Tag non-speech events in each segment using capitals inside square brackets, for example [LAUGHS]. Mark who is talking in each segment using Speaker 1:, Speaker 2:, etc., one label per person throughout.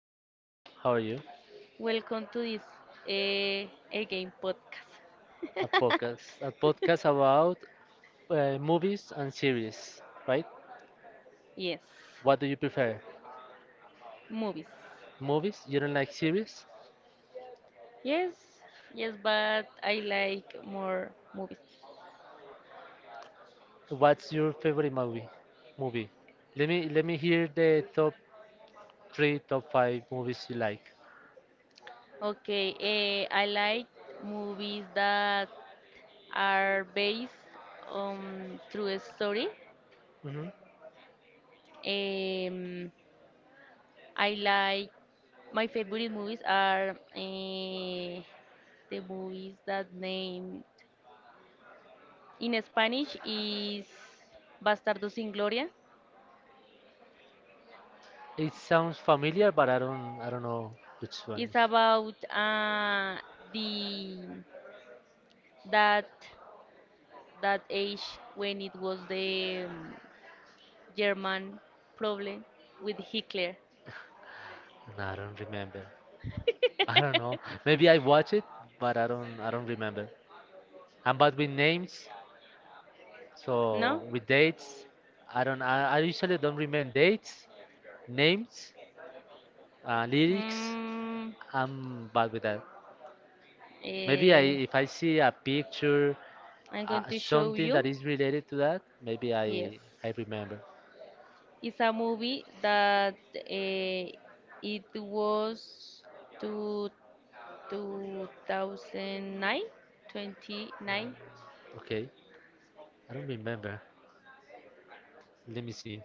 Speaker 1: Hello, Marcela. How are you?
Speaker 2: Welcome to this uh, again podcast.
Speaker 1: A podcast about movies and series, right?
Speaker 2: Yes,
Speaker 1: What do you prefer?
Speaker 2: movies.
Speaker 1: Movies? You don't like series?
Speaker 2: Yes, yes, but I like more movies.
Speaker 1: What's your favorite movie? Movie. Let me hear the top three, top five movies you like.
Speaker 2: Okay, I like movies that are based on true story.
Speaker 1: Hmm.
Speaker 2: Um, I like my favorite movies are uh, the movies that name in Spanish is Bastardo sin Gloria.
Speaker 1: It sounds familiar, but I don't know which one
Speaker 2: It's
Speaker 1: is.
Speaker 2: about the that that age when it was the German problem with Hitler.
Speaker 1: No, I don't remember. I don't know. Maybe I watch it, but I don't remember. I'm bad with names.
Speaker 2: No?
Speaker 1: So with dates, I don't. I usually don't remember dates, names, lyrics.
Speaker 2: Mm,
Speaker 1: I'm bad with that. Maybe I,
Speaker 2: eh,
Speaker 1: if I see a picture,
Speaker 2: I'm going to show
Speaker 1: something that
Speaker 2: you.
Speaker 1: is related to that, maybe
Speaker 2: Yes.
Speaker 1: I remember.
Speaker 2: It's a movie that it was two 2009, 29,
Speaker 1: Okay, I don't remember. Let me see.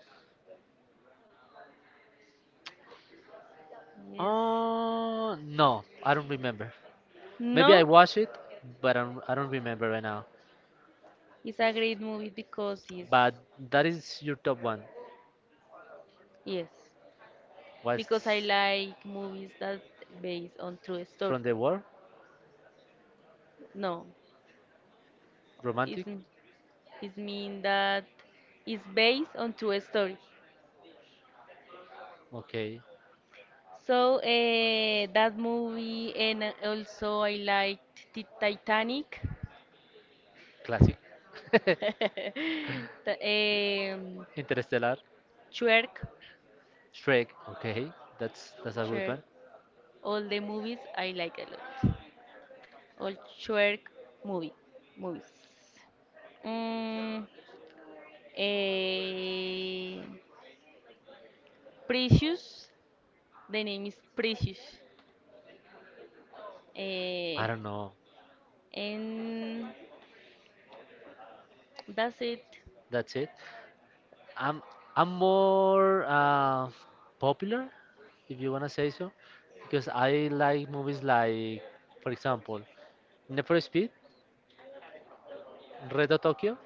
Speaker 2: yes.
Speaker 1: No, I don't remember. Maybe I
Speaker 2: No,
Speaker 1: watched it, but I don't remember right now.
Speaker 2: it's a great movie because it's,
Speaker 1: But that is your top one.
Speaker 2: yes,
Speaker 1: Was
Speaker 2: because I like movies that based on true story.
Speaker 1: from the war,
Speaker 2: No, it's,
Speaker 1: romantic.
Speaker 2: it's mean that it's based on true story.
Speaker 1: Okay.
Speaker 2: So that movie and also I liked Titanic.
Speaker 1: Classic. [LAUGHS]
Speaker 2: [LAUGHS] The, um,
Speaker 1: Interstellar,
Speaker 2: Shrek,
Speaker 1: Shrek. Okay, that's a good
Speaker 2: Shrek,
Speaker 1: one.
Speaker 2: all the movies I like a lot. All Shrek movie, movies. Mm, eh, Precious, the name is Precious. Eh,
Speaker 1: I don't know.
Speaker 2: and that's it.
Speaker 1: That's it. I'm I'm more popular, if you wanna say so, because I like movies like, for example, Need for Speed, Red Hot Tokyo.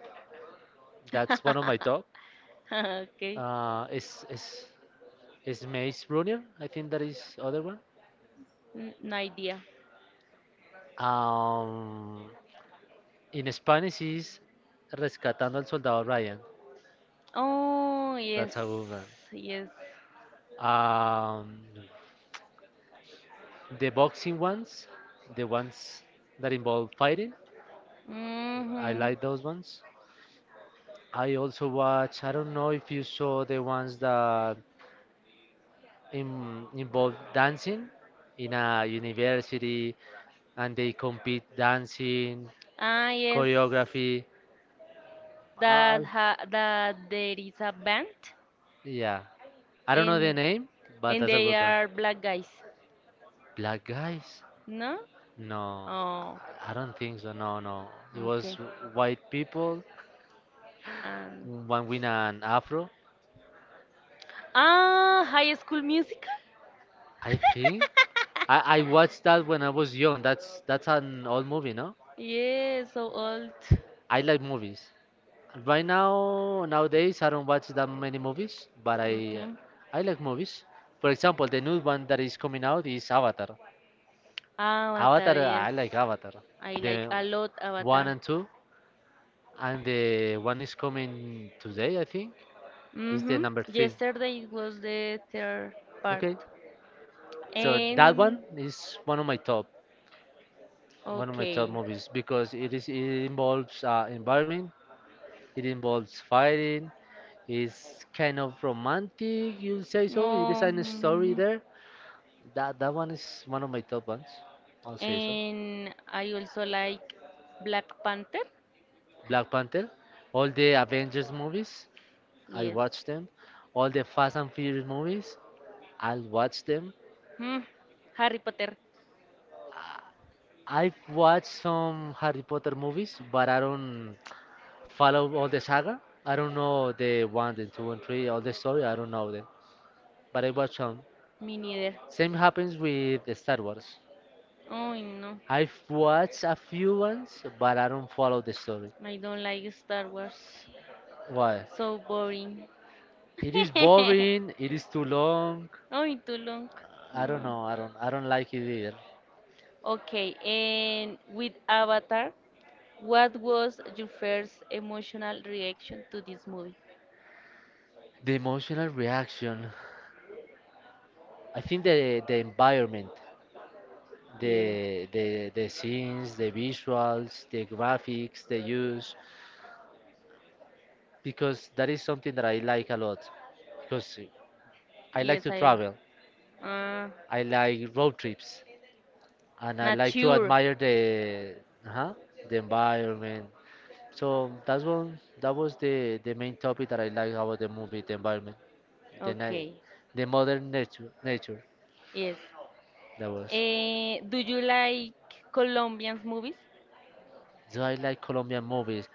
Speaker 1: That's one of my
Speaker 2: [LAUGHS]
Speaker 1: top.
Speaker 2: Okay,
Speaker 1: Is is Maze Runner? I think that is other one.
Speaker 2: No idea.
Speaker 1: Um, in Spanish is Rescatando al Soldado Ryan.
Speaker 2: Oh, yes,
Speaker 1: That's a good one.
Speaker 2: yes.
Speaker 1: Um, the boxing ones, the ones that involve fighting, I
Speaker 2: hmm
Speaker 1: like those ones. I also watch, I don't know if you saw the ones that involve dancing in a university and they compete dancing,
Speaker 2: Ah, yes.
Speaker 1: choreography. Uh,
Speaker 2: That there is a band
Speaker 1: yeah, I don't know the
Speaker 2: and
Speaker 1: name, but
Speaker 2: and
Speaker 1: that's a
Speaker 2: they
Speaker 1: good one.
Speaker 2: are black guys.
Speaker 1: Black guys.
Speaker 2: No?
Speaker 1: No,
Speaker 2: Oh,
Speaker 1: I don't think so. No, no. It was
Speaker 2: okay.
Speaker 1: white people,
Speaker 2: And
Speaker 1: one with an afro.
Speaker 2: High School Musical?
Speaker 1: I think I watched that when I was young. That's an old movie, no?
Speaker 2: Yes, so old.
Speaker 1: I like movies. Right now, nowadays, I don't watch that many movies, but
Speaker 2: Okay.
Speaker 1: I like movies. For example, the new one that is coming out is Avatar.
Speaker 2: Avatar,
Speaker 1: Avatar,
Speaker 2: yes.
Speaker 1: I like Avatar.
Speaker 2: I like
Speaker 1: The
Speaker 2: a lot
Speaker 1: one
Speaker 2: Avatar.
Speaker 1: and two, and the one is coming today, I think, is the
Speaker 2: Mm-hmm.
Speaker 1: number three.
Speaker 2: Yesterday was the third part.
Speaker 1: Okay. So that
Speaker 2: And
Speaker 1: one is one of my top, one of my top
Speaker 2: okay.
Speaker 1: movies because it involves environment, it involves fighting, it's kind of romantic, you'll say so. It is
Speaker 2: Oh,
Speaker 1: a story
Speaker 2: mhm.
Speaker 1: there. That one is one of my top ones. I'll say so.
Speaker 2: And I also like Black Panther.
Speaker 1: Black Panther, all the Avengers movies, I
Speaker 2: Yes.
Speaker 1: watched them. All the Fast and Furious movies, I'll watch them.
Speaker 2: Hmm. Harry Potter.
Speaker 1: I've watched some Harry Potter movies, but I don't follow all the saga. I don't know the one, the two, and three, all the story. I don't know them, but I watch some.
Speaker 2: Me neither.
Speaker 1: Same happens with the Star Wars.
Speaker 2: Oh no,
Speaker 1: I've watched a few ones, but I don't follow the story.
Speaker 2: I don't like Star Wars.
Speaker 1: Why?
Speaker 2: So boring.
Speaker 1: It is boring. It is too long.
Speaker 2: Oh, too long.
Speaker 1: I don't
Speaker 2: Oh.
Speaker 1: know. I don't. I don't like it either.
Speaker 2: Okay, and with Avatar, what was your first emotional reaction to this movie?
Speaker 1: The emotional reaction. I think the environment,
Speaker 2: Yeah.
Speaker 1: the the scenes, the visuals, the graphics they use, because that is something that I like a lot because I
Speaker 2: Yes,
Speaker 1: like to
Speaker 2: I.
Speaker 1: travel.
Speaker 2: Uh,
Speaker 1: I like road trips, and I
Speaker 2: Not
Speaker 1: like to
Speaker 2: sure.
Speaker 1: admire uh the environment. So that's one. That was the main topic that I like about the movie, the environment, the night,
Speaker 2: Okay.
Speaker 1: the modern nature.
Speaker 2: Yes.
Speaker 1: That was.
Speaker 2: Do you like Colombian movies?
Speaker 1: So I like Colombian movies.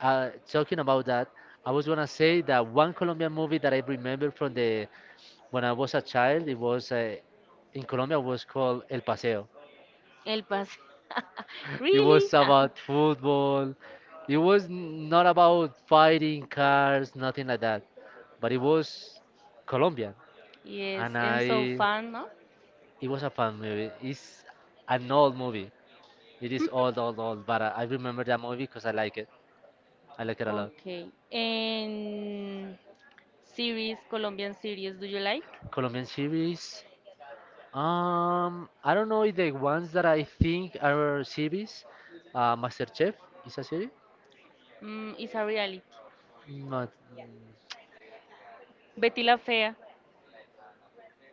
Speaker 1: Talking about that, I was gonna say that one Colombian movie that I remember from the when I was a child, it was in Colombia was called El Paseo.
Speaker 2: El Paso. [LAUGHS]
Speaker 1: It
Speaker 2: Really?
Speaker 1: was
Speaker 2: Ah.
Speaker 1: about football. It was not about fighting cars, nothing like that. But it was Colombian,
Speaker 2: Yes,
Speaker 1: and
Speaker 2: and so
Speaker 1: I
Speaker 2: fun, no?
Speaker 1: it was a fun movie. It's an old movie. It is old, old, old. But I remember that movie because I like it. I like it a lot.
Speaker 2: Okay. And series, Colombian series, do you like?
Speaker 1: Colombian series. I don't know if the ones that I think are series. MasterChef is a series.
Speaker 2: Mm, it's a reality.
Speaker 1: Not.
Speaker 2: Betty La Fea.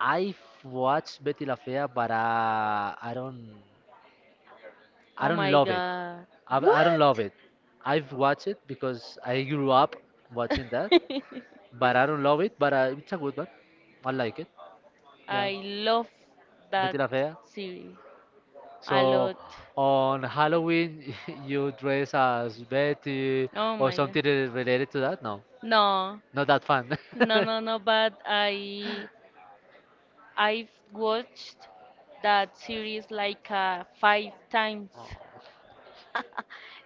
Speaker 1: I've watched Betty La Fea, but I don't, I
Speaker 2: Oh
Speaker 1: don't
Speaker 2: my
Speaker 1: love it.
Speaker 2: God.
Speaker 1: I don't love
Speaker 2: What?
Speaker 1: it. I've watched it because I grew up watching that,
Speaker 2: [LAUGHS]
Speaker 1: but I don't love it. But it's a good one. I like it. Yeah,
Speaker 2: I love that
Speaker 1: Betty La Fea.
Speaker 2: series a
Speaker 1: So
Speaker 2: lot.
Speaker 1: on Halloween, [LAUGHS] you dress as Betty
Speaker 2: Oh
Speaker 1: or
Speaker 2: my God.
Speaker 1: something related to that? No,
Speaker 2: No,
Speaker 1: not that fun.
Speaker 2: no,
Speaker 1: [LAUGHS]
Speaker 2: no, no. But I've watched that series like five times.
Speaker 1: Oh.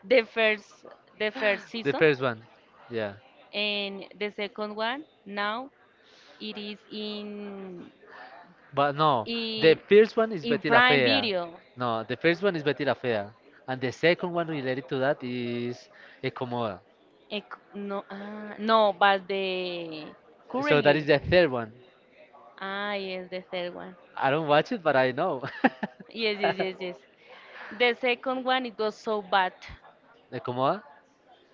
Speaker 2: The first, the first
Speaker 1: The
Speaker 2: season,
Speaker 1: first one. Yeah.
Speaker 2: and the second one now it is
Speaker 1: But no, the
Speaker 2: in
Speaker 1: first one is
Speaker 2: in
Speaker 1: Betty la
Speaker 2: Prime
Speaker 1: Fea.
Speaker 2: Video.
Speaker 1: No, the first one is Betty la Fea. And the second one related to that is Ecomoda.
Speaker 2: Eh, No, no, but the
Speaker 1: So that is
Speaker 2: currently.
Speaker 1: the third one.
Speaker 2: Ah, yes, the third one.
Speaker 1: I don't watch it, but I know.
Speaker 2: Yes, yes, yes, yes. The second one it was so bad,
Speaker 1: [LAUGHS] Ecomoda?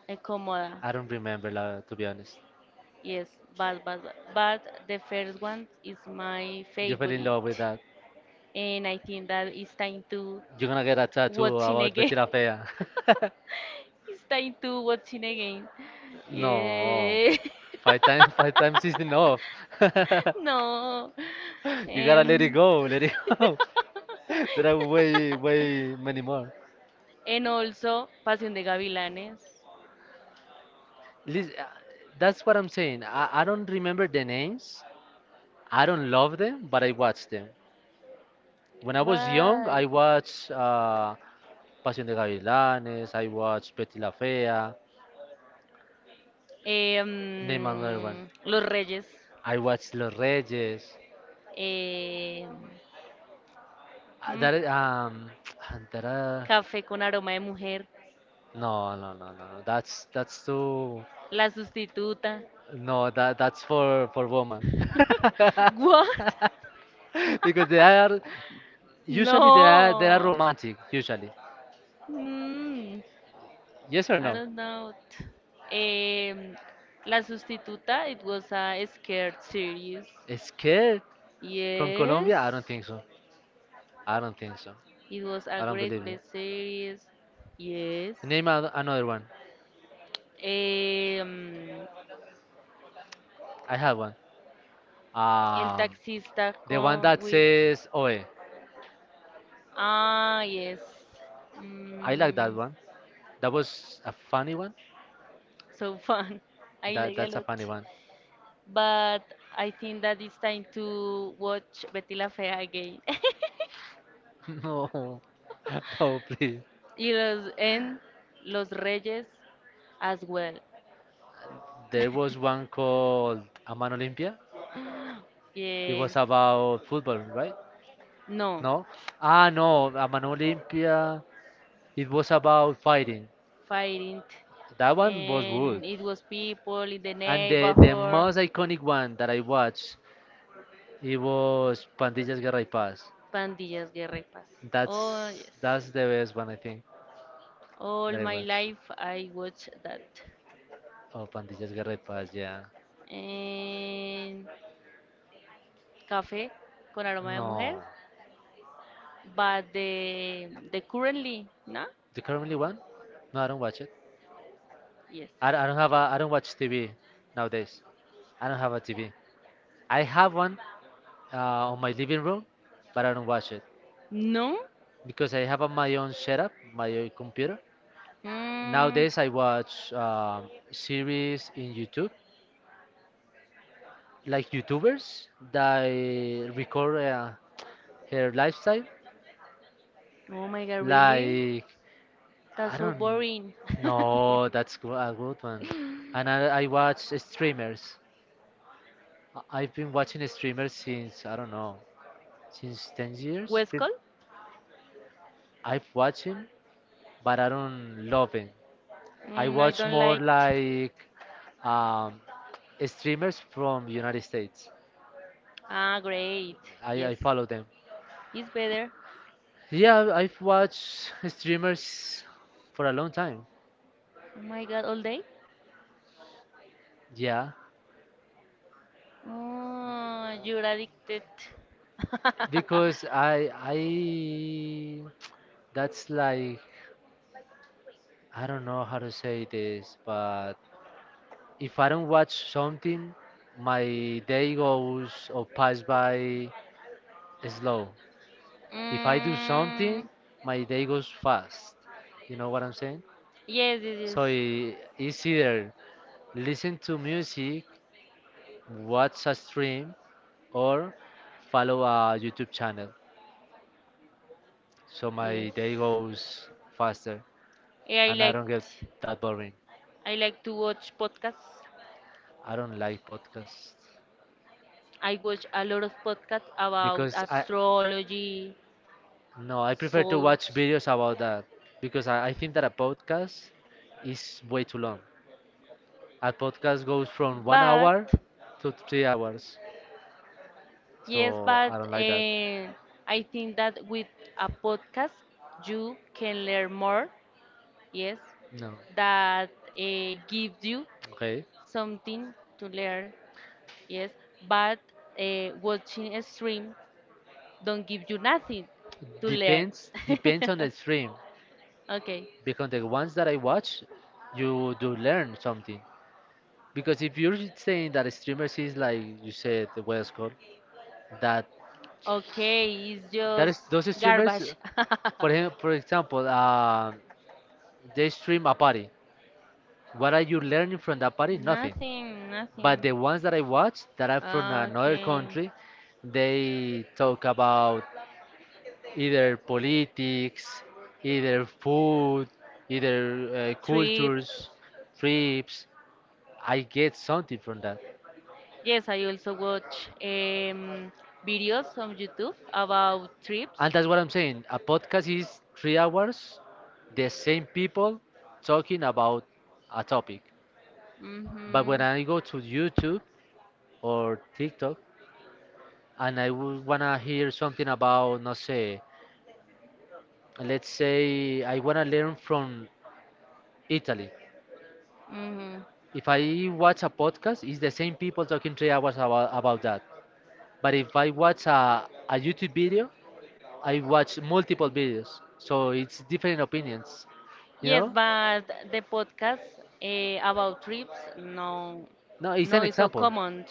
Speaker 2: incomoda.
Speaker 1: I don't remember, to be honest.
Speaker 2: Yes, bad, bad, bad. But the first one is my
Speaker 1: You fell in
Speaker 2: favorite.
Speaker 1: love with that.
Speaker 2: And I think that it's time to
Speaker 1: You're gonna get a tattoo
Speaker 2: watching
Speaker 1: about
Speaker 2: again.
Speaker 1: Betty la Fea.
Speaker 2: [LAUGHS]
Speaker 1: [LAUGHS]
Speaker 2: It's time to watching again.
Speaker 1: No.
Speaker 2: Yeah.
Speaker 1: Five times is enough.
Speaker 2: [LAUGHS]
Speaker 1: [LAUGHS]
Speaker 2: No.
Speaker 1: You gotta let it
Speaker 2: Um,
Speaker 1: go, let it go. [LAUGHS] There are way, way many more.
Speaker 2: [LAUGHS] and also Pasión de Gavilanes.
Speaker 1: Lis- uh, That's what I'm saying. I don't remember the names. I don't love them, but I watched them. When I was young, I
Speaker 2: Why?
Speaker 1: watched Pasión de Gavilanes. I watched Betty la Fea. Name another one.
Speaker 2: Los Reyes.
Speaker 1: I watched Los Reyes.
Speaker 2: Em,
Speaker 1: Uh,
Speaker 2: mm,
Speaker 1: That i- um, [TSK] that uh,
Speaker 2: Café con aroma de mujer.
Speaker 1: no. That's too
Speaker 2: La sustituta.
Speaker 1: no that that's for woman. [LAUGHS]
Speaker 2: What?
Speaker 1: Because they are
Speaker 2: [LAUGHS]
Speaker 1: usually they are
Speaker 2: No.
Speaker 1: romantic usually.
Speaker 2: Hmm.
Speaker 1: Yes or
Speaker 2: I
Speaker 1: no?
Speaker 2: don't know. Um, La Sustituta, it was a scared series.
Speaker 1: Scared from
Speaker 2: Yes.
Speaker 1: Colombia? I don't think so. I don't think so.
Speaker 2: It was a
Speaker 1: I don't
Speaker 2: great,
Speaker 1: believe you.
Speaker 2: great series. Yes.
Speaker 1: Name another one.
Speaker 2: Um,
Speaker 1: I have one.
Speaker 2: El
Speaker 1: Um,
Speaker 2: Taxista
Speaker 1: the one
Speaker 2: con
Speaker 1: that
Speaker 2: with.
Speaker 1: says "Oe."
Speaker 2: Ah, yes.
Speaker 1: I like that
Speaker 2: Mm,
Speaker 1: one. That was a funny one.
Speaker 2: so fun. [LAUGHS] I
Speaker 1: That
Speaker 2: like a
Speaker 1: that's a funny
Speaker 2: lot.
Speaker 1: one.
Speaker 2: But I think that it's time to watch Betty La Fea again.
Speaker 1: [LAUGHS] No, [LAUGHS] no, please.
Speaker 2: Y los en Los Reyes as well.
Speaker 1: There was one called Aman Olympia. It was
Speaker 2: Yes.
Speaker 1: about football, right?
Speaker 2: No.
Speaker 1: No. Ah, no. Aman Olympia. It was about fighting.
Speaker 2: Fighting.
Speaker 1: That one was
Speaker 2: And
Speaker 1: good.
Speaker 2: it was people in the
Speaker 1: And the
Speaker 2: neighborhood.
Speaker 1: most iconic one that I watched, it was Pandillas Guerra y Paz.
Speaker 2: Pandillas, guerra y paz. Oh,
Speaker 1: That's
Speaker 2: yes.
Speaker 1: the best one I think
Speaker 2: All
Speaker 1: that I
Speaker 2: my
Speaker 1: watched.
Speaker 2: life I watch that.
Speaker 1: Oh, Pandillas Guerra y Paz, yeah.
Speaker 2: And café con aroma de mujer.
Speaker 1: No,
Speaker 2: But the currently, ¿no?
Speaker 1: the currently one? No, I don't watch it.
Speaker 2: Yes.
Speaker 1: I don't watch TV nowadays. I don't have a TV. I have one on my living room, but I don't watch it
Speaker 2: No?
Speaker 1: because I have on my own setup, my own computer.
Speaker 2: Mm.
Speaker 1: Nowadays, I watch series in YouTube like YouTubers that record her lifestyle.
Speaker 2: Oh my god, really?
Speaker 1: Like
Speaker 2: That's
Speaker 1: I
Speaker 2: so
Speaker 1: don't
Speaker 2: boring.
Speaker 1: know, a good one.
Speaker 2: [LAUGHS]
Speaker 1: And I watch streamers. I've been watching streamers since I don't know, since 10 years.
Speaker 2: West Coast?
Speaker 1: I've watched him, but I don't love him. I
Speaker 2: Mm, I
Speaker 1: watch
Speaker 2: don't
Speaker 1: more
Speaker 2: like.
Speaker 1: like um, streamers from United States.
Speaker 2: Ah, great.
Speaker 1: I
Speaker 2: Yes.
Speaker 1: follow them.
Speaker 2: It's better.
Speaker 1: Yeah, I've watched streamers for a long time.
Speaker 2: Oh my god, all day?
Speaker 1: Yeah.
Speaker 2: Oh, you're addicted.
Speaker 1: because
Speaker 2: [LAUGHS]
Speaker 1: I that's like I don't know how to say this, but if I don't watch something, my day goes or pass by slow. If I do something,
Speaker 2: Mm,
Speaker 1: my day goes fast. You know what I'm saying?
Speaker 2: yes, yes,
Speaker 1: So it's
Speaker 2: yes.
Speaker 1: either listen to music, watch a stream, or follow a YouTube channel. So
Speaker 2: Yes.
Speaker 1: my day goes faster,
Speaker 2: Eh, I
Speaker 1: and I
Speaker 2: like
Speaker 1: don't get that boring.
Speaker 2: I like to watch podcasts.
Speaker 1: I don't like podcasts
Speaker 2: I watch a lot of podcasts about
Speaker 1: because I
Speaker 2: astrology,
Speaker 1: no, I prefer to
Speaker 2: souls.
Speaker 1: watch videos about that because I think that a podcast is way too long. A podcast goes from 1 hour
Speaker 2: But
Speaker 1: to 3 hours,
Speaker 2: yes,
Speaker 1: so
Speaker 2: but
Speaker 1: I don't like that.
Speaker 2: I think that with a podcast you can learn more. Yes,
Speaker 1: No,
Speaker 2: that gives you
Speaker 1: okay.
Speaker 2: something to learn. Yes, but watching a stream don't give you nothing to learn.
Speaker 1: Depends on the
Speaker 2: [LAUGHS]
Speaker 1: stream
Speaker 2: Okay.
Speaker 1: because the ones that I watch, you do learn something. Because if you're saying that streamers is like you said, the Westcol, that
Speaker 2: Okay, it's
Speaker 1: that
Speaker 2: just
Speaker 1: is those streamers.
Speaker 2: garbage. [LAUGHS]
Speaker 1: For him, for example, they stream a party. What are you learning from that party? Nothing.
Speaker 2: Nothing,
Speaker 1: But the
Speaker 2: nothing.
Speaker 1: ones that I watch that are from another
Speaker 2: Okay.
Speaker 1: country, they talk about either politics, either food, either
Speaker 2: Trips.
Speaker 1: cultures, trips. I get something from that.
Speaker 2: Yes, I also watch videos on YouTube about trips.
Speaker 1: And that's what I'm saying. A podcast is 3 hours, the same people talking about a topic.
Speaker 2: Mhm.
Speaker 1: But when I go to YouTube, or TikTok, and I would wanna hear something about, no sé, let's say I wanna learn from Italy.
Speaker 2: Mhm.
Speaker 1: If I watch a podcast, it's the same people talking 3 hours about that. But if I watch a YouTube video, I watch multiple videos, so it's different opinions. You
Speaker 2: Yes, yes,
Speaker 1: know?
Speaker 2: but the podcast about trips, no,
Speaker 1: No, it's
Speaker 2: no,
Speaker 1: an
Speaker 2: it's so
Speaker 1: example.
Speaker 2: common.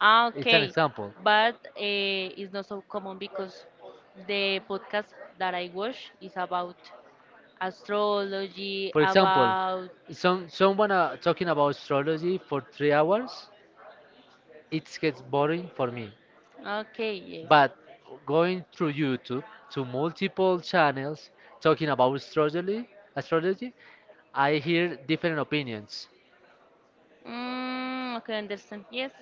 Speaker 2: Ah,
Speaker 1: It's an
Speaker 2: okay,
Speaker 1: example.
Speaker 2: but it's not so common because the podcast that I watch is about astrology,
Speaker 1: For example,
Speaker 2: about.
Speaker 1: someone talking about astrology for 3 hours, it gets boring for me.
Speaker 2: Okay, yes.
Speaker 1: But going through YouTube to multiple channels talking about astrology, I hear different opinions.
Speaker 2: Mm, okay, understand. Yes.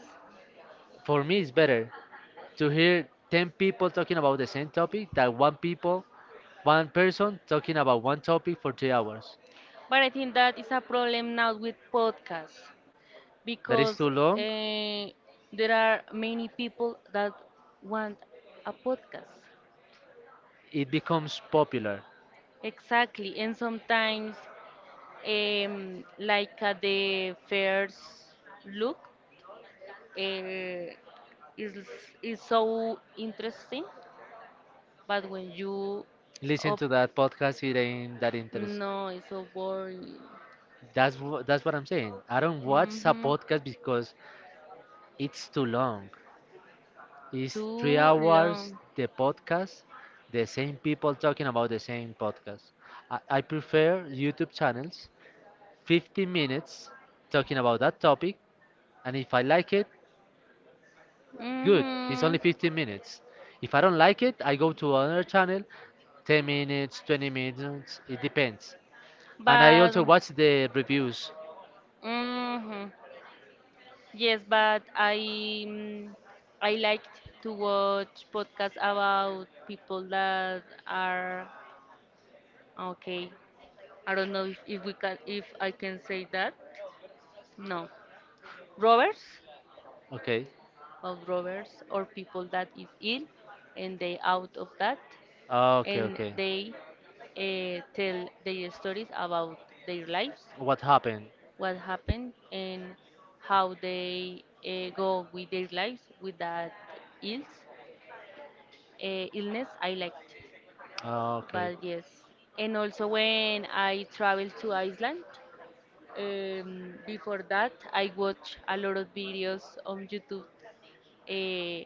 Speaker 1: For me, it's better to hear 10 people talking about the same topic than one people, one person talking about one topic for 3 hours.
Speaker 2: But I think that is a problem now with podcasts
Speaker 1: That is
Speaker 2: because
Speaker 1: too long.
Speaker 2: there are many people that want a podcast.
Speaker 1: It becomes popular.
Speaker 2: Exactly, and sometimes, like at the first look, uh, is is so interesting, but when you
Speaker 1: Listen
Speaker 2: op-
Speaker 1: to that podcast, it ain't that interest.
Speaker 2: no, it's so boring.
Speaker 1: That's what I'm saying. I don't watch a
Speaker 2: Mhm.
Speaker 1: podcast because it's too long. It's three
Speaker 2: Too
Speaker 1: hours
Speaker 2: long.
Speaker 1: the podcast, the same people talking about the same podcast. I prefer YouTube channels, 15 minutes talking about that topic, and if I like it, good, it's only
Speaker 2: Mhm.
Speaker 1: 15 minutes. If I don't like it, I go to another channel, 10 minutes, 20 minutes, it depends. And I
Speaker 2: But
Speaker 1: also watch the reviews.
Speaker 2: mhm. Yes, but mm, I liked to watch podcasts about people that are okay. I don't know if we can if I can say that. No. Robbers?
Speaker 1: Okay,
Speaker 2: Of robbers or people that is ill and they out of that
Speaker 1: okay,
Speaker 2: and
Speaker 1: okay.
Speaker 2: they tell their stories about their lives,
Speaker 1: What happened?
Speaker 2: what happened and how they go with their lives with that ills, illness I liked.
Speaker 1: Okay.
Speaker 2: But yes, and also when I traveled to Iceland, before that I watch a lot of videos on YouTube, eh,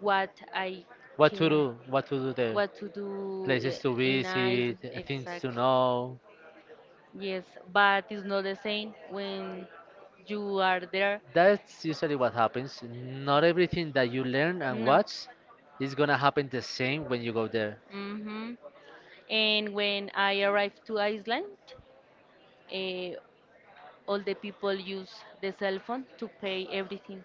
Speaker 2: what I
Speaker 1: What to
Speaker 2: can,
Speaker 1: do? What to do there?
Speaker 2: what to do
Speaker 1: Places to
Speaker 2: in Iceland?
Speaker 1: visit, things
Speaker 2: Exact.
Speaker 1: to know.
Speaker 2: Yes, but it's not the same when you are there.
Speaker 1: That's usually what happens. Not everything that you learn and
Speaker 2: No.
Speaker 1: watch is gonna happen the same when you go there.
Speaker 2: Mm-hmm. And when I arrived to Iceland, eh, all the people use the cell phone to pay everything,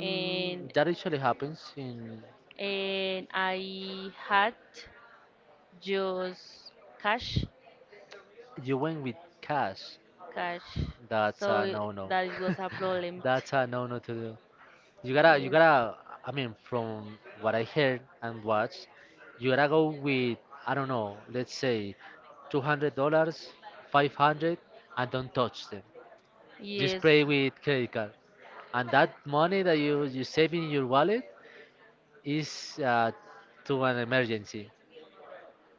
Speaker 2: and
Speaker 1: that usually happens in
Speaker 2: and I had just cash
Speaker 1: you went with cash.
Speaker 2: cash. So
Speaker 1: That's a no-no.
Speaker 2: that
Speaker 1: [LAUGHS]
Speaker 2: was a problem.
Speaker 1: That's a no-no to do. You gotta, you
Speaker 2: Yes.
Speaker 1: gotta. I mean, from what I heard and watched, you gotta go with I don't know. Let's say $200, 500, and don't touch them. Just
Speaker 2: Yes.
Speaker 1: pay with credit card, and that money that you save in your wallet is to an emergency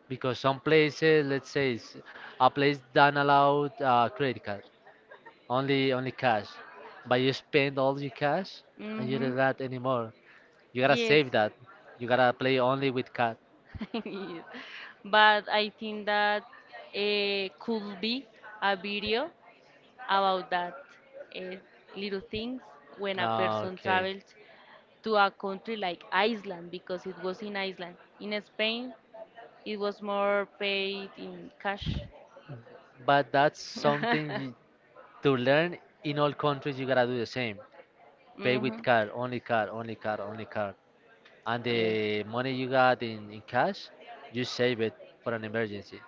Speaker 1: because some places, let's say, a place don't allow credit card, only cash. But you spend all your cash and you
Speaker 2: Mm-hmm.
Speaker 1: don't got anymore. You gotta
Speaker 2: Yes.
Speaker 1: save that. You gotta play only with card.
Speaker 2: [LAUGHS] Yes. But I think that could be a video about that eh, little things when a person
Speaker 1: Okay,
Speaker 2: travels to a country like Iceland because it was in Iceland. In Spain, it was more paid in cash.
Speaker 1: but that's something you,
Speaker 2: [LAUGHS]
Speaker 1: to learn in all countries. You gotta do the same. Pay with
Speaker 2: Mhm.
Speaker 1: card, only card, only card, only card. And
Speaker 2: Yes.
Speaker 1: the money you got in cash, you save it for an emergency.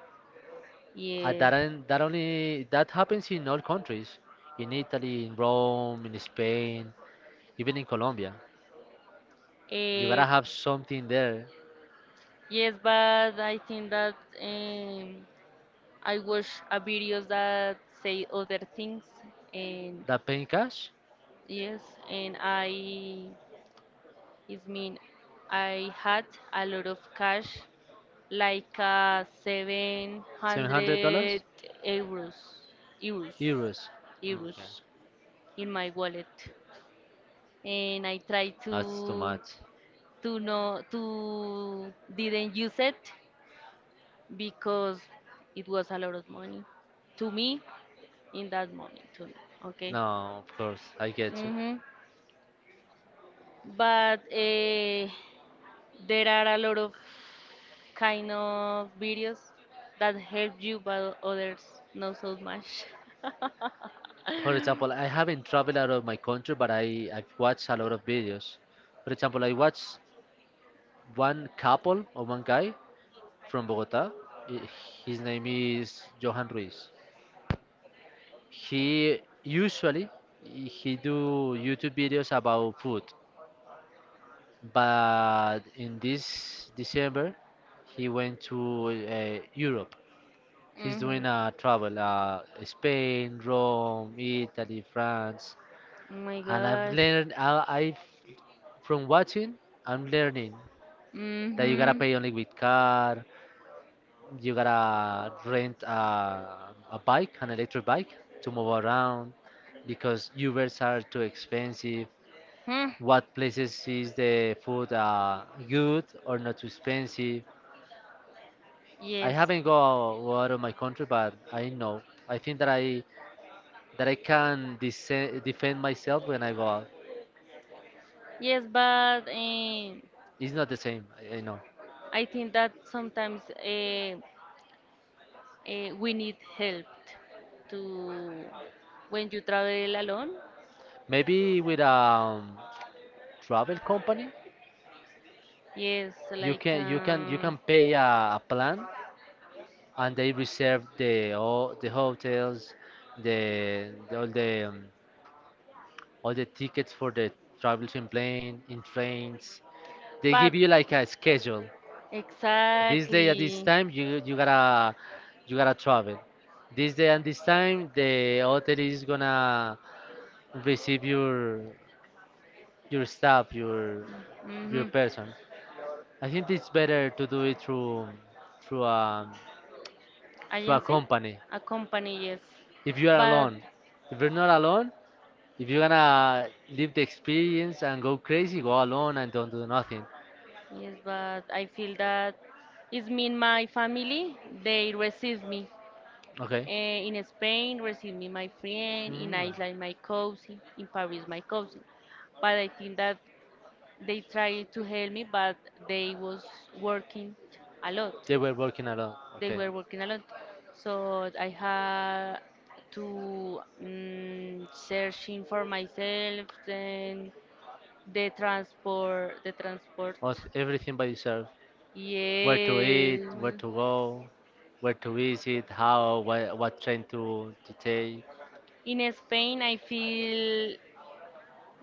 Speaker 1: Uh,
Speaker 2: Yes.
Speaker 1: that, on- that only that happens in all countries, in Italy, in Rome, in Spain, even in Colombia. You
Speaker 2: Eh,
Speaker 1: gotta have something there
Speaker 2: yes, but I think that um, I watch a videos that say other things, and
Speaker 1: that pay in cash,
Speaker 2: yes, and I it mean I had a lot of cash, like
Speaker 1: $700,
Speaker 2: 700 euros, euros,
Speaker 1: euros. Okay.
Speaker 2: euros in my wallet, and I tried
Speaker 1: That's too
Speaker 2: to
Speaker 1: much.
Speaker 2: to no to didn't use it because it was a lot of money to me in that moment to me, okay.
Speaker 1: No, of course, I get you.
Speaker 2: hmm But there are a lot of kind of videos that help you, but others not so much. [LAUGHS]
Speaker 1: For example, I haven't traveled out of my country, but I've watched a lot of videos. For example, I watched one couple or one guy from Bogota. I- His name is Johan Ruiz. He usually he do YouTube videos about food, but in this December he went to Europe. He's doing
Speaker 2: hmm
Speaker 1: a travel, Spain, Rome, Italy, France,
Speaker 2: Oh my
Speaker 1: and I've
Speaker 2: gosh.
Speaker 1: learned. I from watching, I'm learning that you gotta
Speaker 2: hmm
Speaker 1: pay only with card. You gotta rent a bike, an electric bike, to move around because Ubers are too expensive.
Speaker 2: Hmm.
Speaker 1: What places is the food good or not too expensive? I
Speaker 2: Yes.
Speaker 1: haven't go, out of my country, but I know. I think that I can defend myself when I go out.
Speaker 2: Yes, but
Speaker 1: It's not the same. I know.
Speaker 2: I think that sometimes. We need help to when you travel alone,
Speaker 1: Maybe with a travel company,
Speaker 2: yes,
Speaker 1: you
Speaker 2: like
Speaker 1: can you can you can pay a plan and they reserve the all the hotels, the all the tickets for the travels in plane, in trains. They
Speaker 2: but
Speaker 1: give you like a schedule. This day at this
Speaker 2: exactly.
Speaker 1: time you gotta travel. This day and this time the hotel is gonna receive your staff, your
Speaker 2: Mm-hmm.
Speaker 1: person. I think it's better to do it through a through a
Speaker 2: Agency.
Speaker 1: company.
Speaker 2: A company, yes,
Speaker 1: If you are
Speaker 2: but
Speaker 1: alone, if you're not alone, if you going to live the experience and go crazy, go alone and don't do nothing.
Speaker 2: yes, but I feel that it's me and my family, they receive me.
Speaker 1: Okay.
Speaker 2: In Spain, receive me my friend. In
Speaker 1: Mm.
Speaker 2: Iceland, my cousin. In Paris, my cousin. But I think that they tried to help me, but they was working a lot.
Speaker 1: They were working alone.
Speaker 2: They
Speaker 1: Okay.
Speaker 2: were working a lot, so I had to searching for myself and the transport.
Speaker 1: Was everything by yourself. Where to eat,
Speaker 2: Yes.
Speaker 1: where to go, where to visit, how, what train to take.
Speaker 2: In Spain, I feel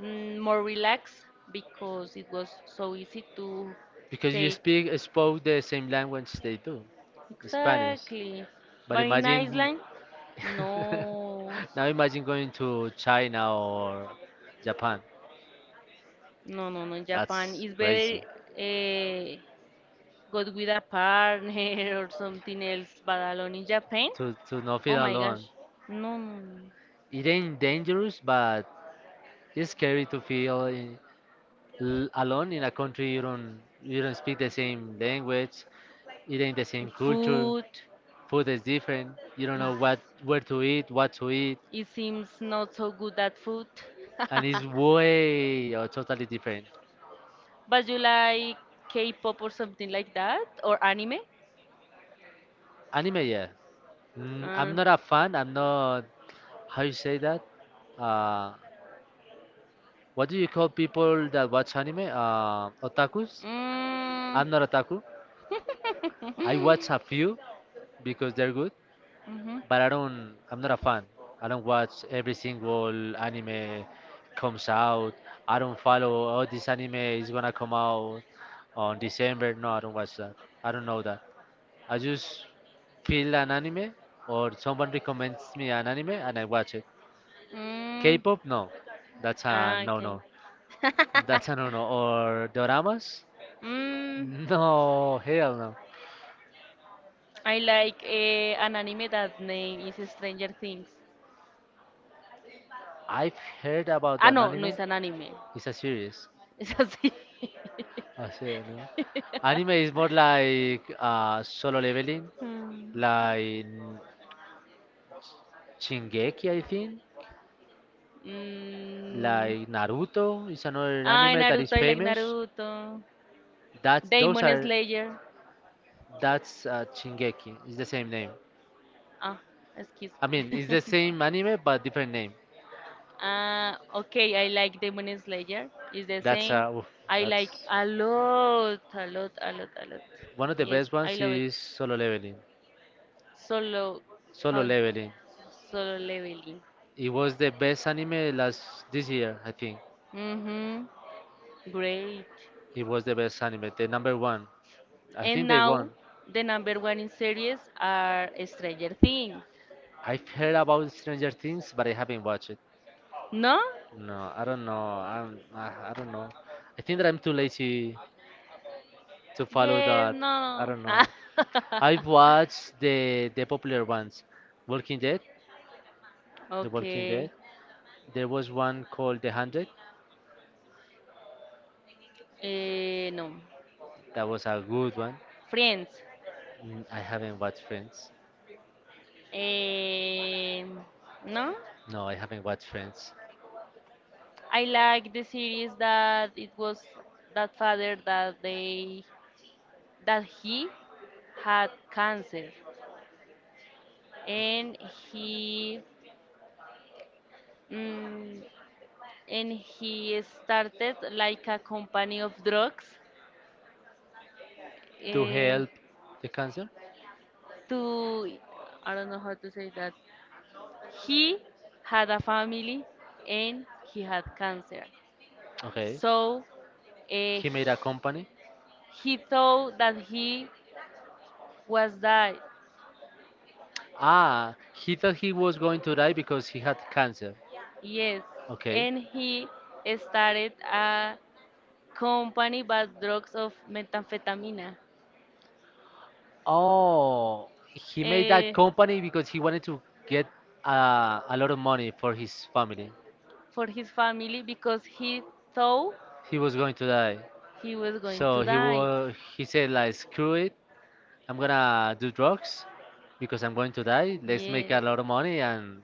Speaker 2: more relaxed because it was so easy to
Speaker 1: Because you
Speaker 2: take.
Speaker 1: speak spoke the same language they do, Spanish.
Speaker 2: Exactly.
Speaker 1: But
Speaker 2: But in
Speaker 1: imagine
Speaker 2: Iceland, no,
Speaker 1: [LAUGHS] Now imagine going to China or Japan.
Speaker 2: no, no, no. In Japan,
Speaker 1: That's
Speaker 2: it's better
Speaker 1: crazy.
Speaker 2: uh, go with a partner [LAUGHS] or something else. But alone in Japan,
Speaker 1: To not
Speaker 2: oh
Speaker 1: feel
Speaker 2: my gosh,
Speaker 1: alone.
Speaker 2: no, no, no.
Speaker 1: It ain't dangerous, but it's scary to feel alone in a country you don't speak the same language. It ain't the same culture.
Speaker 2: Food.
Speaker 1: Food is different. You don't know what where to eat, what to
Speaker 2: Is
Speaker 1: eat,
Speaker 2: it seems not so good at food.
Speaker 1: and it's
Speaker 2: [LAUGHS]
Speaker 1: way or totally different.
Speaker 2: But you like K-pop or something like that, or anime?
Speaker 1: Anime, yeah. Mm,
Speaker 2: Uh,
Speaker 1: I'm not a fan. I'm not. How you say that? Uh, what do you call people that watch anime? Otakus? I'm not otaku. I watch a few because they're good,
Speaker 2: mhm.
Speaker 1: but I don't. I'm not a fan. I don't watch every single anime comes out. I don't follow. Oh, this anime is gonna come out on December. No, I don't watch that. I don't know that. I just feel an anime or someone recommends me an anime and I watch it.
Speaker 2: Mm.
Speaker 1: K-pop, no, that's a
Speaker 2: Ah, okay.
Speaker 1: no-no. That's a no-no. Or doramas?
Speaker 2: Mm,
Speaker 1: No, hell no.
Speaker 2: I like an anime that name is Stranger Things.
Speaker 1: I've heard about
Speaker 2: Ah,
Speaker 1: an
Speaker 2: no, no
Speaker 1: anime.
Speaker 2: es an anime.
Speaker 1: It's a series.
Speaker 2: Es así.
Speaker 1: I say no. Anime is more
Speaker 2: [LAUGHS]
Speaker 1: like solo leveling,
Speaker 2: Mm.
Speaker 1: like Shingeki, I think,
Speaker 2: Mm.
Speaker 1: like Naruto is another
Speaker 2: Ay,
Speaker 1: anime that
Speaker 2: Naruto,
Speaker 1: is
Speaker 2: I like
Speaker 1: famous.
Speaker 2: Naruto.
Speaker 1: That's those
Speaker 2: Demon
Speaker 1: are
Speaker 2: Slayer.
Speaker 1: that's Shingeki. It's the same name.
Speaker 2: Ah, excuse
Speaker 1: I
Speaker 2: me.
Speaker 1: mean, it's the same anime but different name.
Speaker 2: [LAUGHS] Okay, I like Demon Slayer. It's the
Speaker 1: That's
Speaker 2: same.
Speaker 1: uh, oof,
Speaker 2: I like
Speaker 1: that's
Speaker 2: a lot, a lot, a lot, a lot.
Speaker 1: one of the
Speaker 2: Yes,
Speaker 1: best
Speaker 2: I
Speaker 1: ones
Speaker 2: love
Speaker 1: is
Speaker 2: it.
Speaker 1: solo leveling.
Speaker 2: Solo,
Speaker 1: Solo
Speaker 2: how?
Speaker 1: Leveling.
Speaker 2: Solo leveling.
Speaker 1: It was the best anime last this year, I think.
Speaker 2: Mhm. Great.
Speaker 1: It was the best anime, the number one. I think
Speaker 2: And
Speaker 1: they
Speaker 2: now
Speaker 1: won.
Speaker 2: the number one in series are Stranger Things.
Speaker 1: I've heard about Stranger Things, but I haven't watched it.
Speaker 2: No?
Speaker 1: No, I don't know. I don't know. I think that I'm too lazy to follow
Speaker 2: Yes,
Speaker 1: that. I
Speaker 2: no.
Speaker 1: don't know. I've
Speaker 2: [LAUGHS]
Speaker 1: watched the popular ones, Walking Dead, The Walking
Speaker 2: Okay.
Speaker 1: Dead. There was one called The Hundred.
Speaker 2: No.
Speaker 1: That was a good one.
Speaker 2: Friends.
Speaker 1: Mm, I haven't watched Friends.
Speaker 2: Um, no,
Speaker 1: No, I haven't watched Friends.
Speaker 2: I like the series that it was that father that he had cancer, and he mm, and he started like a company of drugs,
Speaker 1: To
Speaker 2: eh,
Speaker 1: help the cancer.
Speaker 2: to, I don't know how to say that. He had a family and he had cancer,
Speaker 1: Okay.
Speaker 2: so eh,
Speaker 1: He made a company.
Speaker 2: he thought that he was that,
Speaker 1: Ah, he thought he was going to die because he had cancer.
Speaker 2: yes,
Speaker 1: Okay.
Speaker 2: and he started a company but drugs of methamphetamine,
Speaker 1: Oh, he made that
Speaker 2: eh,
Speaker 1: company because he wanted to get a lot of money for his family.
Speaker 2: for his family because he thought
Speaker 1: He was going to die.
Speaker 2: he was going
Speaker 1: So
Speaker 2: to
Speaker 1: he
Speaker 2: die,
Speaker 1: was, he said like screw it, I'm gonna do drugs because I'm going to die. Let's make a
Speaker 2: yeah.
Speaker 1: lot of money and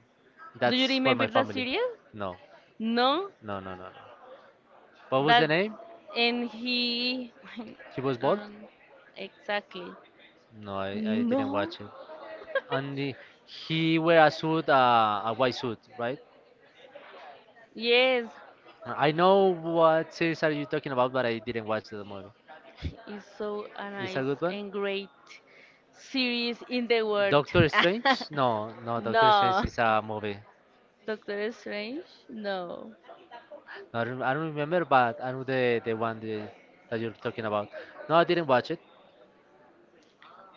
Speaker 2: Do you
Speaker 1: that's for
Speaker 2: remember
Speaker 1: my
Speaker 2: that
Speaker 1: family.
Speaker 2: series?
Speaker 1: No.
Speaker 2: No,
Speaker 1: No, no, no, no. What was
Speaker 2: that
Speaker 1: the name?
Speaker 2: and he [LAUGHS]
Speaker 1: He was
Speaker 2: I
Speaker 1: bald?
Speaker 2: don't exactly.
Speaker 1: No, I didn't
Speaker 2: No.
Speaker 1: watch it. And he wear a suit, a white suit, right?
Speaker 2: Yes,
Speaker 1: I know what series are you talking about, but I didn't watch the movie.
Speaker 2: it's so a
Speaker 1: It's a
Speaker 2: nice
Speaker 1: good one.
Speaker 2: and great series in the world. [LAUGHS]
Speaker 1: Doctor Strange? No, no, Doctor Strange
Speaker 2: No.
Speaker 1: is a movie.
Speaker 2: Doctor Strange? No.
Speaker 1: No, I don't remember, but I know the one that you're talking about. No, I didn't watch it.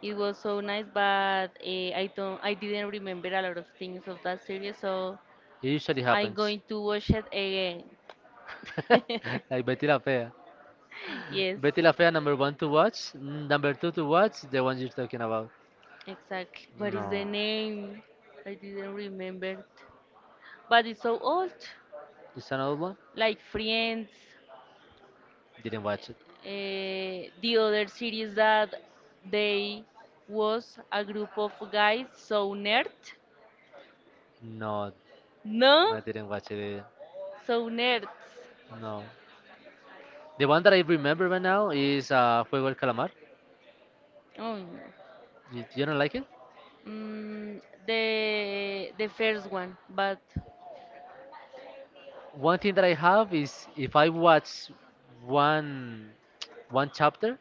Speaker 2: It was so nice, but I didn't remember a lot of things of that series, so
Speaker 1: It usually
Speaker 2: I'm
Speaker 1: happens.
Speaker 2: going to watch it again.
Speaker 1: [LAUGHS] Like Betty La Fea.
Speaker 2: [LAUGHS] Yes.
Speaker 1: Betty La Fea, number one to watch. Number two to watch, the one you're talking about.
Speaker 2: Exactly. What is the
Speaker 1: No.
Speaker 2: name? I didn't remember it. But it's so old.
Speaker 1: It's another one?
Speaker 2: Like Friends,
Speaker 1: Didn't watch it.
Speaker 2: uh, the other series that they was a group of guys so nerd,
Speaker 1: No,
Speaker 2: no,
Speaker 1: I didn't watch it either.
Speaker 2: so nerds.
Speaker 1: No. The one that I remember right now is Juego del Calamar.
Speaker 2: Oh, no.
Speaker 1: You don't like it?
Speaker 2: Mm, the first one, but
Speaker 1: One thing that I have is if I watch one one chapter,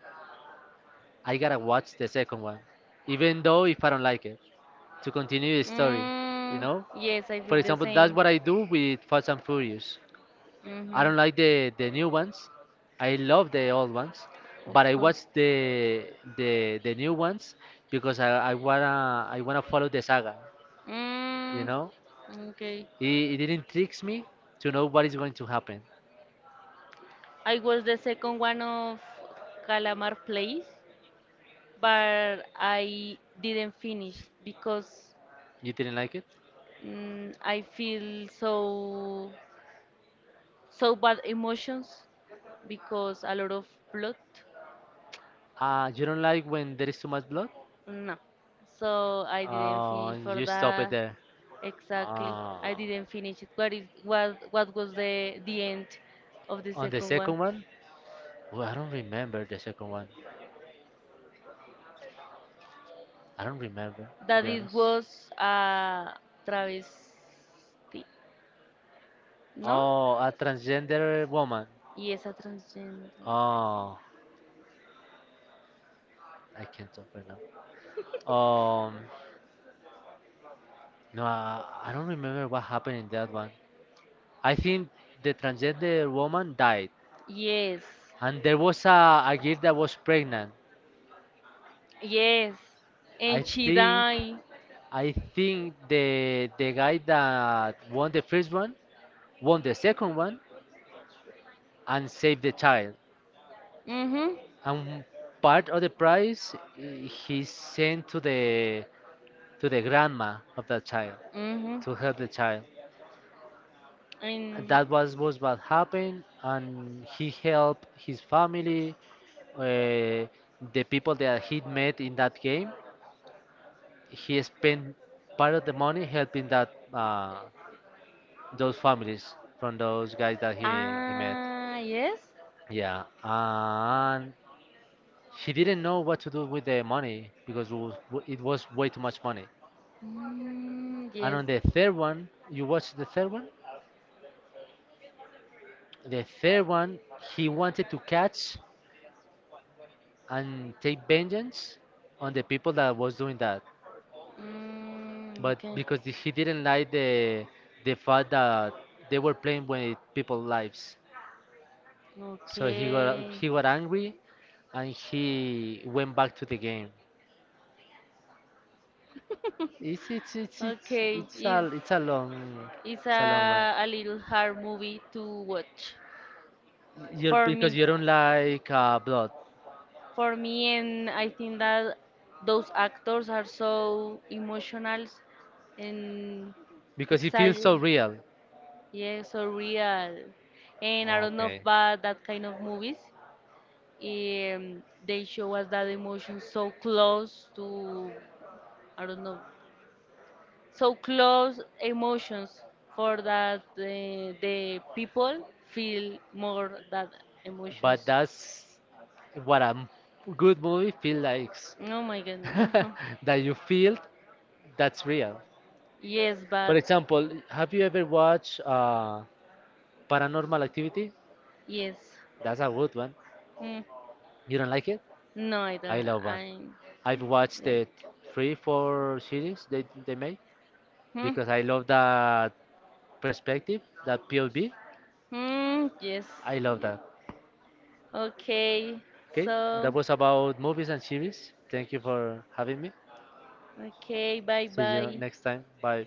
Speaker 1: I gotta watch the second one, even though if I don't like it, to continue the story. You
Speaker 2: mm,
Speaker 1: know,
Speaker 2: yes, I
Speaker 1: for
Speaker 2: feel the
Speaker 1: example, that's
Speaker 2: same.
Speaker 1: what I do with Fast and Furious. I don't
Speaker 2: Mhm.
Speaker 1: like the new ones. I love the old ones, but
Speaker 2: Of
Speaker 1: I watch
Speaker 2: course.
Speaker 1: the new ones because I wanna follow the saga. You
Speaker 2: Mm,
Speaker 1: know,
Speaker 2: okay.
Speaker 1: it didn't tricks me to know what is going to happen.
Speaker 2: I was the second one of Calamar Place, but I didn't finish because
Speaker 1: You didn't like it?
Speaker 2: I feel so bad emotions because a lot of plot.
Speaker 1: You don't like when there is too much blood?
Speaker 2: No. So I didn't finish for
Speaker 1: You stop it
Speaker 2: that.
Speaker 1: there.
Speaker 2: Exactly.
Speaker 1: Uh,
Speaker 2: I didn't finish it. What was the end of the
Speaker 1: on the
Speaker 2: second one?
Speaker 1: second one, well, I don't remember the second one. I don't remember to
Speaker 2: That
Speaker 1: be
Speaker 2: it
Speaker 1: honest.
Speaker 2: was a travesty, ¿no?
Speaker 1: Oh, a transgender woman.
Speaker 2: Yes, a transgender.
Speaker 1: Oh, I can't open now. Um, no, I don't remember what happened in that one. I think the transgender woman died,
Speaker 2: Yes,
Speaker 1: and there was a girl that was pregnant.
Speaker 2: yes.
Speaker 1: I
Speaker 2: And she
Speaker 1: think,
Speaker 2: died.
Speaker 1: I think the guy that won the first one won the second one and saved the child.
Speaker 2: Mm-hmm.
Speaker 1: And part of the prize he sent to the grandma of that child
Speaker 2: Mm-hmm.
Speaker 1: to help the child.
Speaker 2: And
Speaker 1: That was what happened and he helped his family, uh, the people that he met in that game he spent part of the money helping that those families from those guys that he met.
Speaker 2: yes.
Speaker 1: Yeah and he didn't know what to do with the money because it was way too much money
Speaker 2: Mm,
Speaker 1: and
Speaker 2: yes.
Speaker 1: on the third one you watched the third one he wanted to catch and take vengeance on the people that was doing that.
Speaker 2: Mm,
Speaker 1: But
Speaker 2: okay.
Speaker 1: because he didn't like the fact that they were playing with people's lives, so he got
Speaker 2: Okay.
Speaker 1: he got angry, and he went back to the game. It's it's it's it's
Speaker 2: Okay.
Speaker 1: it's
Speaker 2: It's,
Speaker 1: a it's a long
Speaker 2: it's
Speaker 1: it's a long one.
Speaker 2: a little hard movie to watch
Speaker 1: You're
Speaker 2: for
Speaker 1: because you
Speaker 2: me.
Speaker 1: don't like blood
Speaker 2: For me, and I think that those actors are so emotional and
Speaker 1: because it feels
Speaker 2: excited.
Speaker 1: so real.
Speaker 2: Yeah, so real. And I don't know about that kind of movies. They show us that emotion so close to, I don't know, so close emotions for that the people feel more that
Speaker 1: But
Speaker 2: emotions.
Speaker 1: that's what good movie feels like.
Speaker 2: Oh my god,
Speaker 1: [LAUGHS]
Speaker 2: no. [LAUGHS]
Speaker 1: that you feel that's real.
Speaker 2: Yes,
Speaker 1: For
Speaker 2: but
Speaker 1: example, have you ever watched Paranormal Activity?
Speaker 2: yes.
Speaker 1: That's a good one.
Speaker 2: Mm.
Speaker 1: You don't like it?
Speaker 2: No, I
Speaker 1: I
Speaker 2: don't.
Speaker 1: love one.
Speaker 2: I
Speaker 1: I've watched the
Speaker 2: like.
Speaker 1: three, four series they made
Speaker 2: Hmm.
Speaker 1: because I love that perspective, that POV.
Speaker 2: Hmm. Yes.
Speaker 1: I love
Speaker 2: Yes.
Speaker 1: that.
Speaker 2: Okay.
Speaker 1: Okay, that
Speaker 2: So.
Speaker 1: was about movies and series. Thank you for having me.
Speaker 2: Okay. Bye.
Speaker 1: See you
Speaker 2: Bye.
Speaker 1: next time. Bye.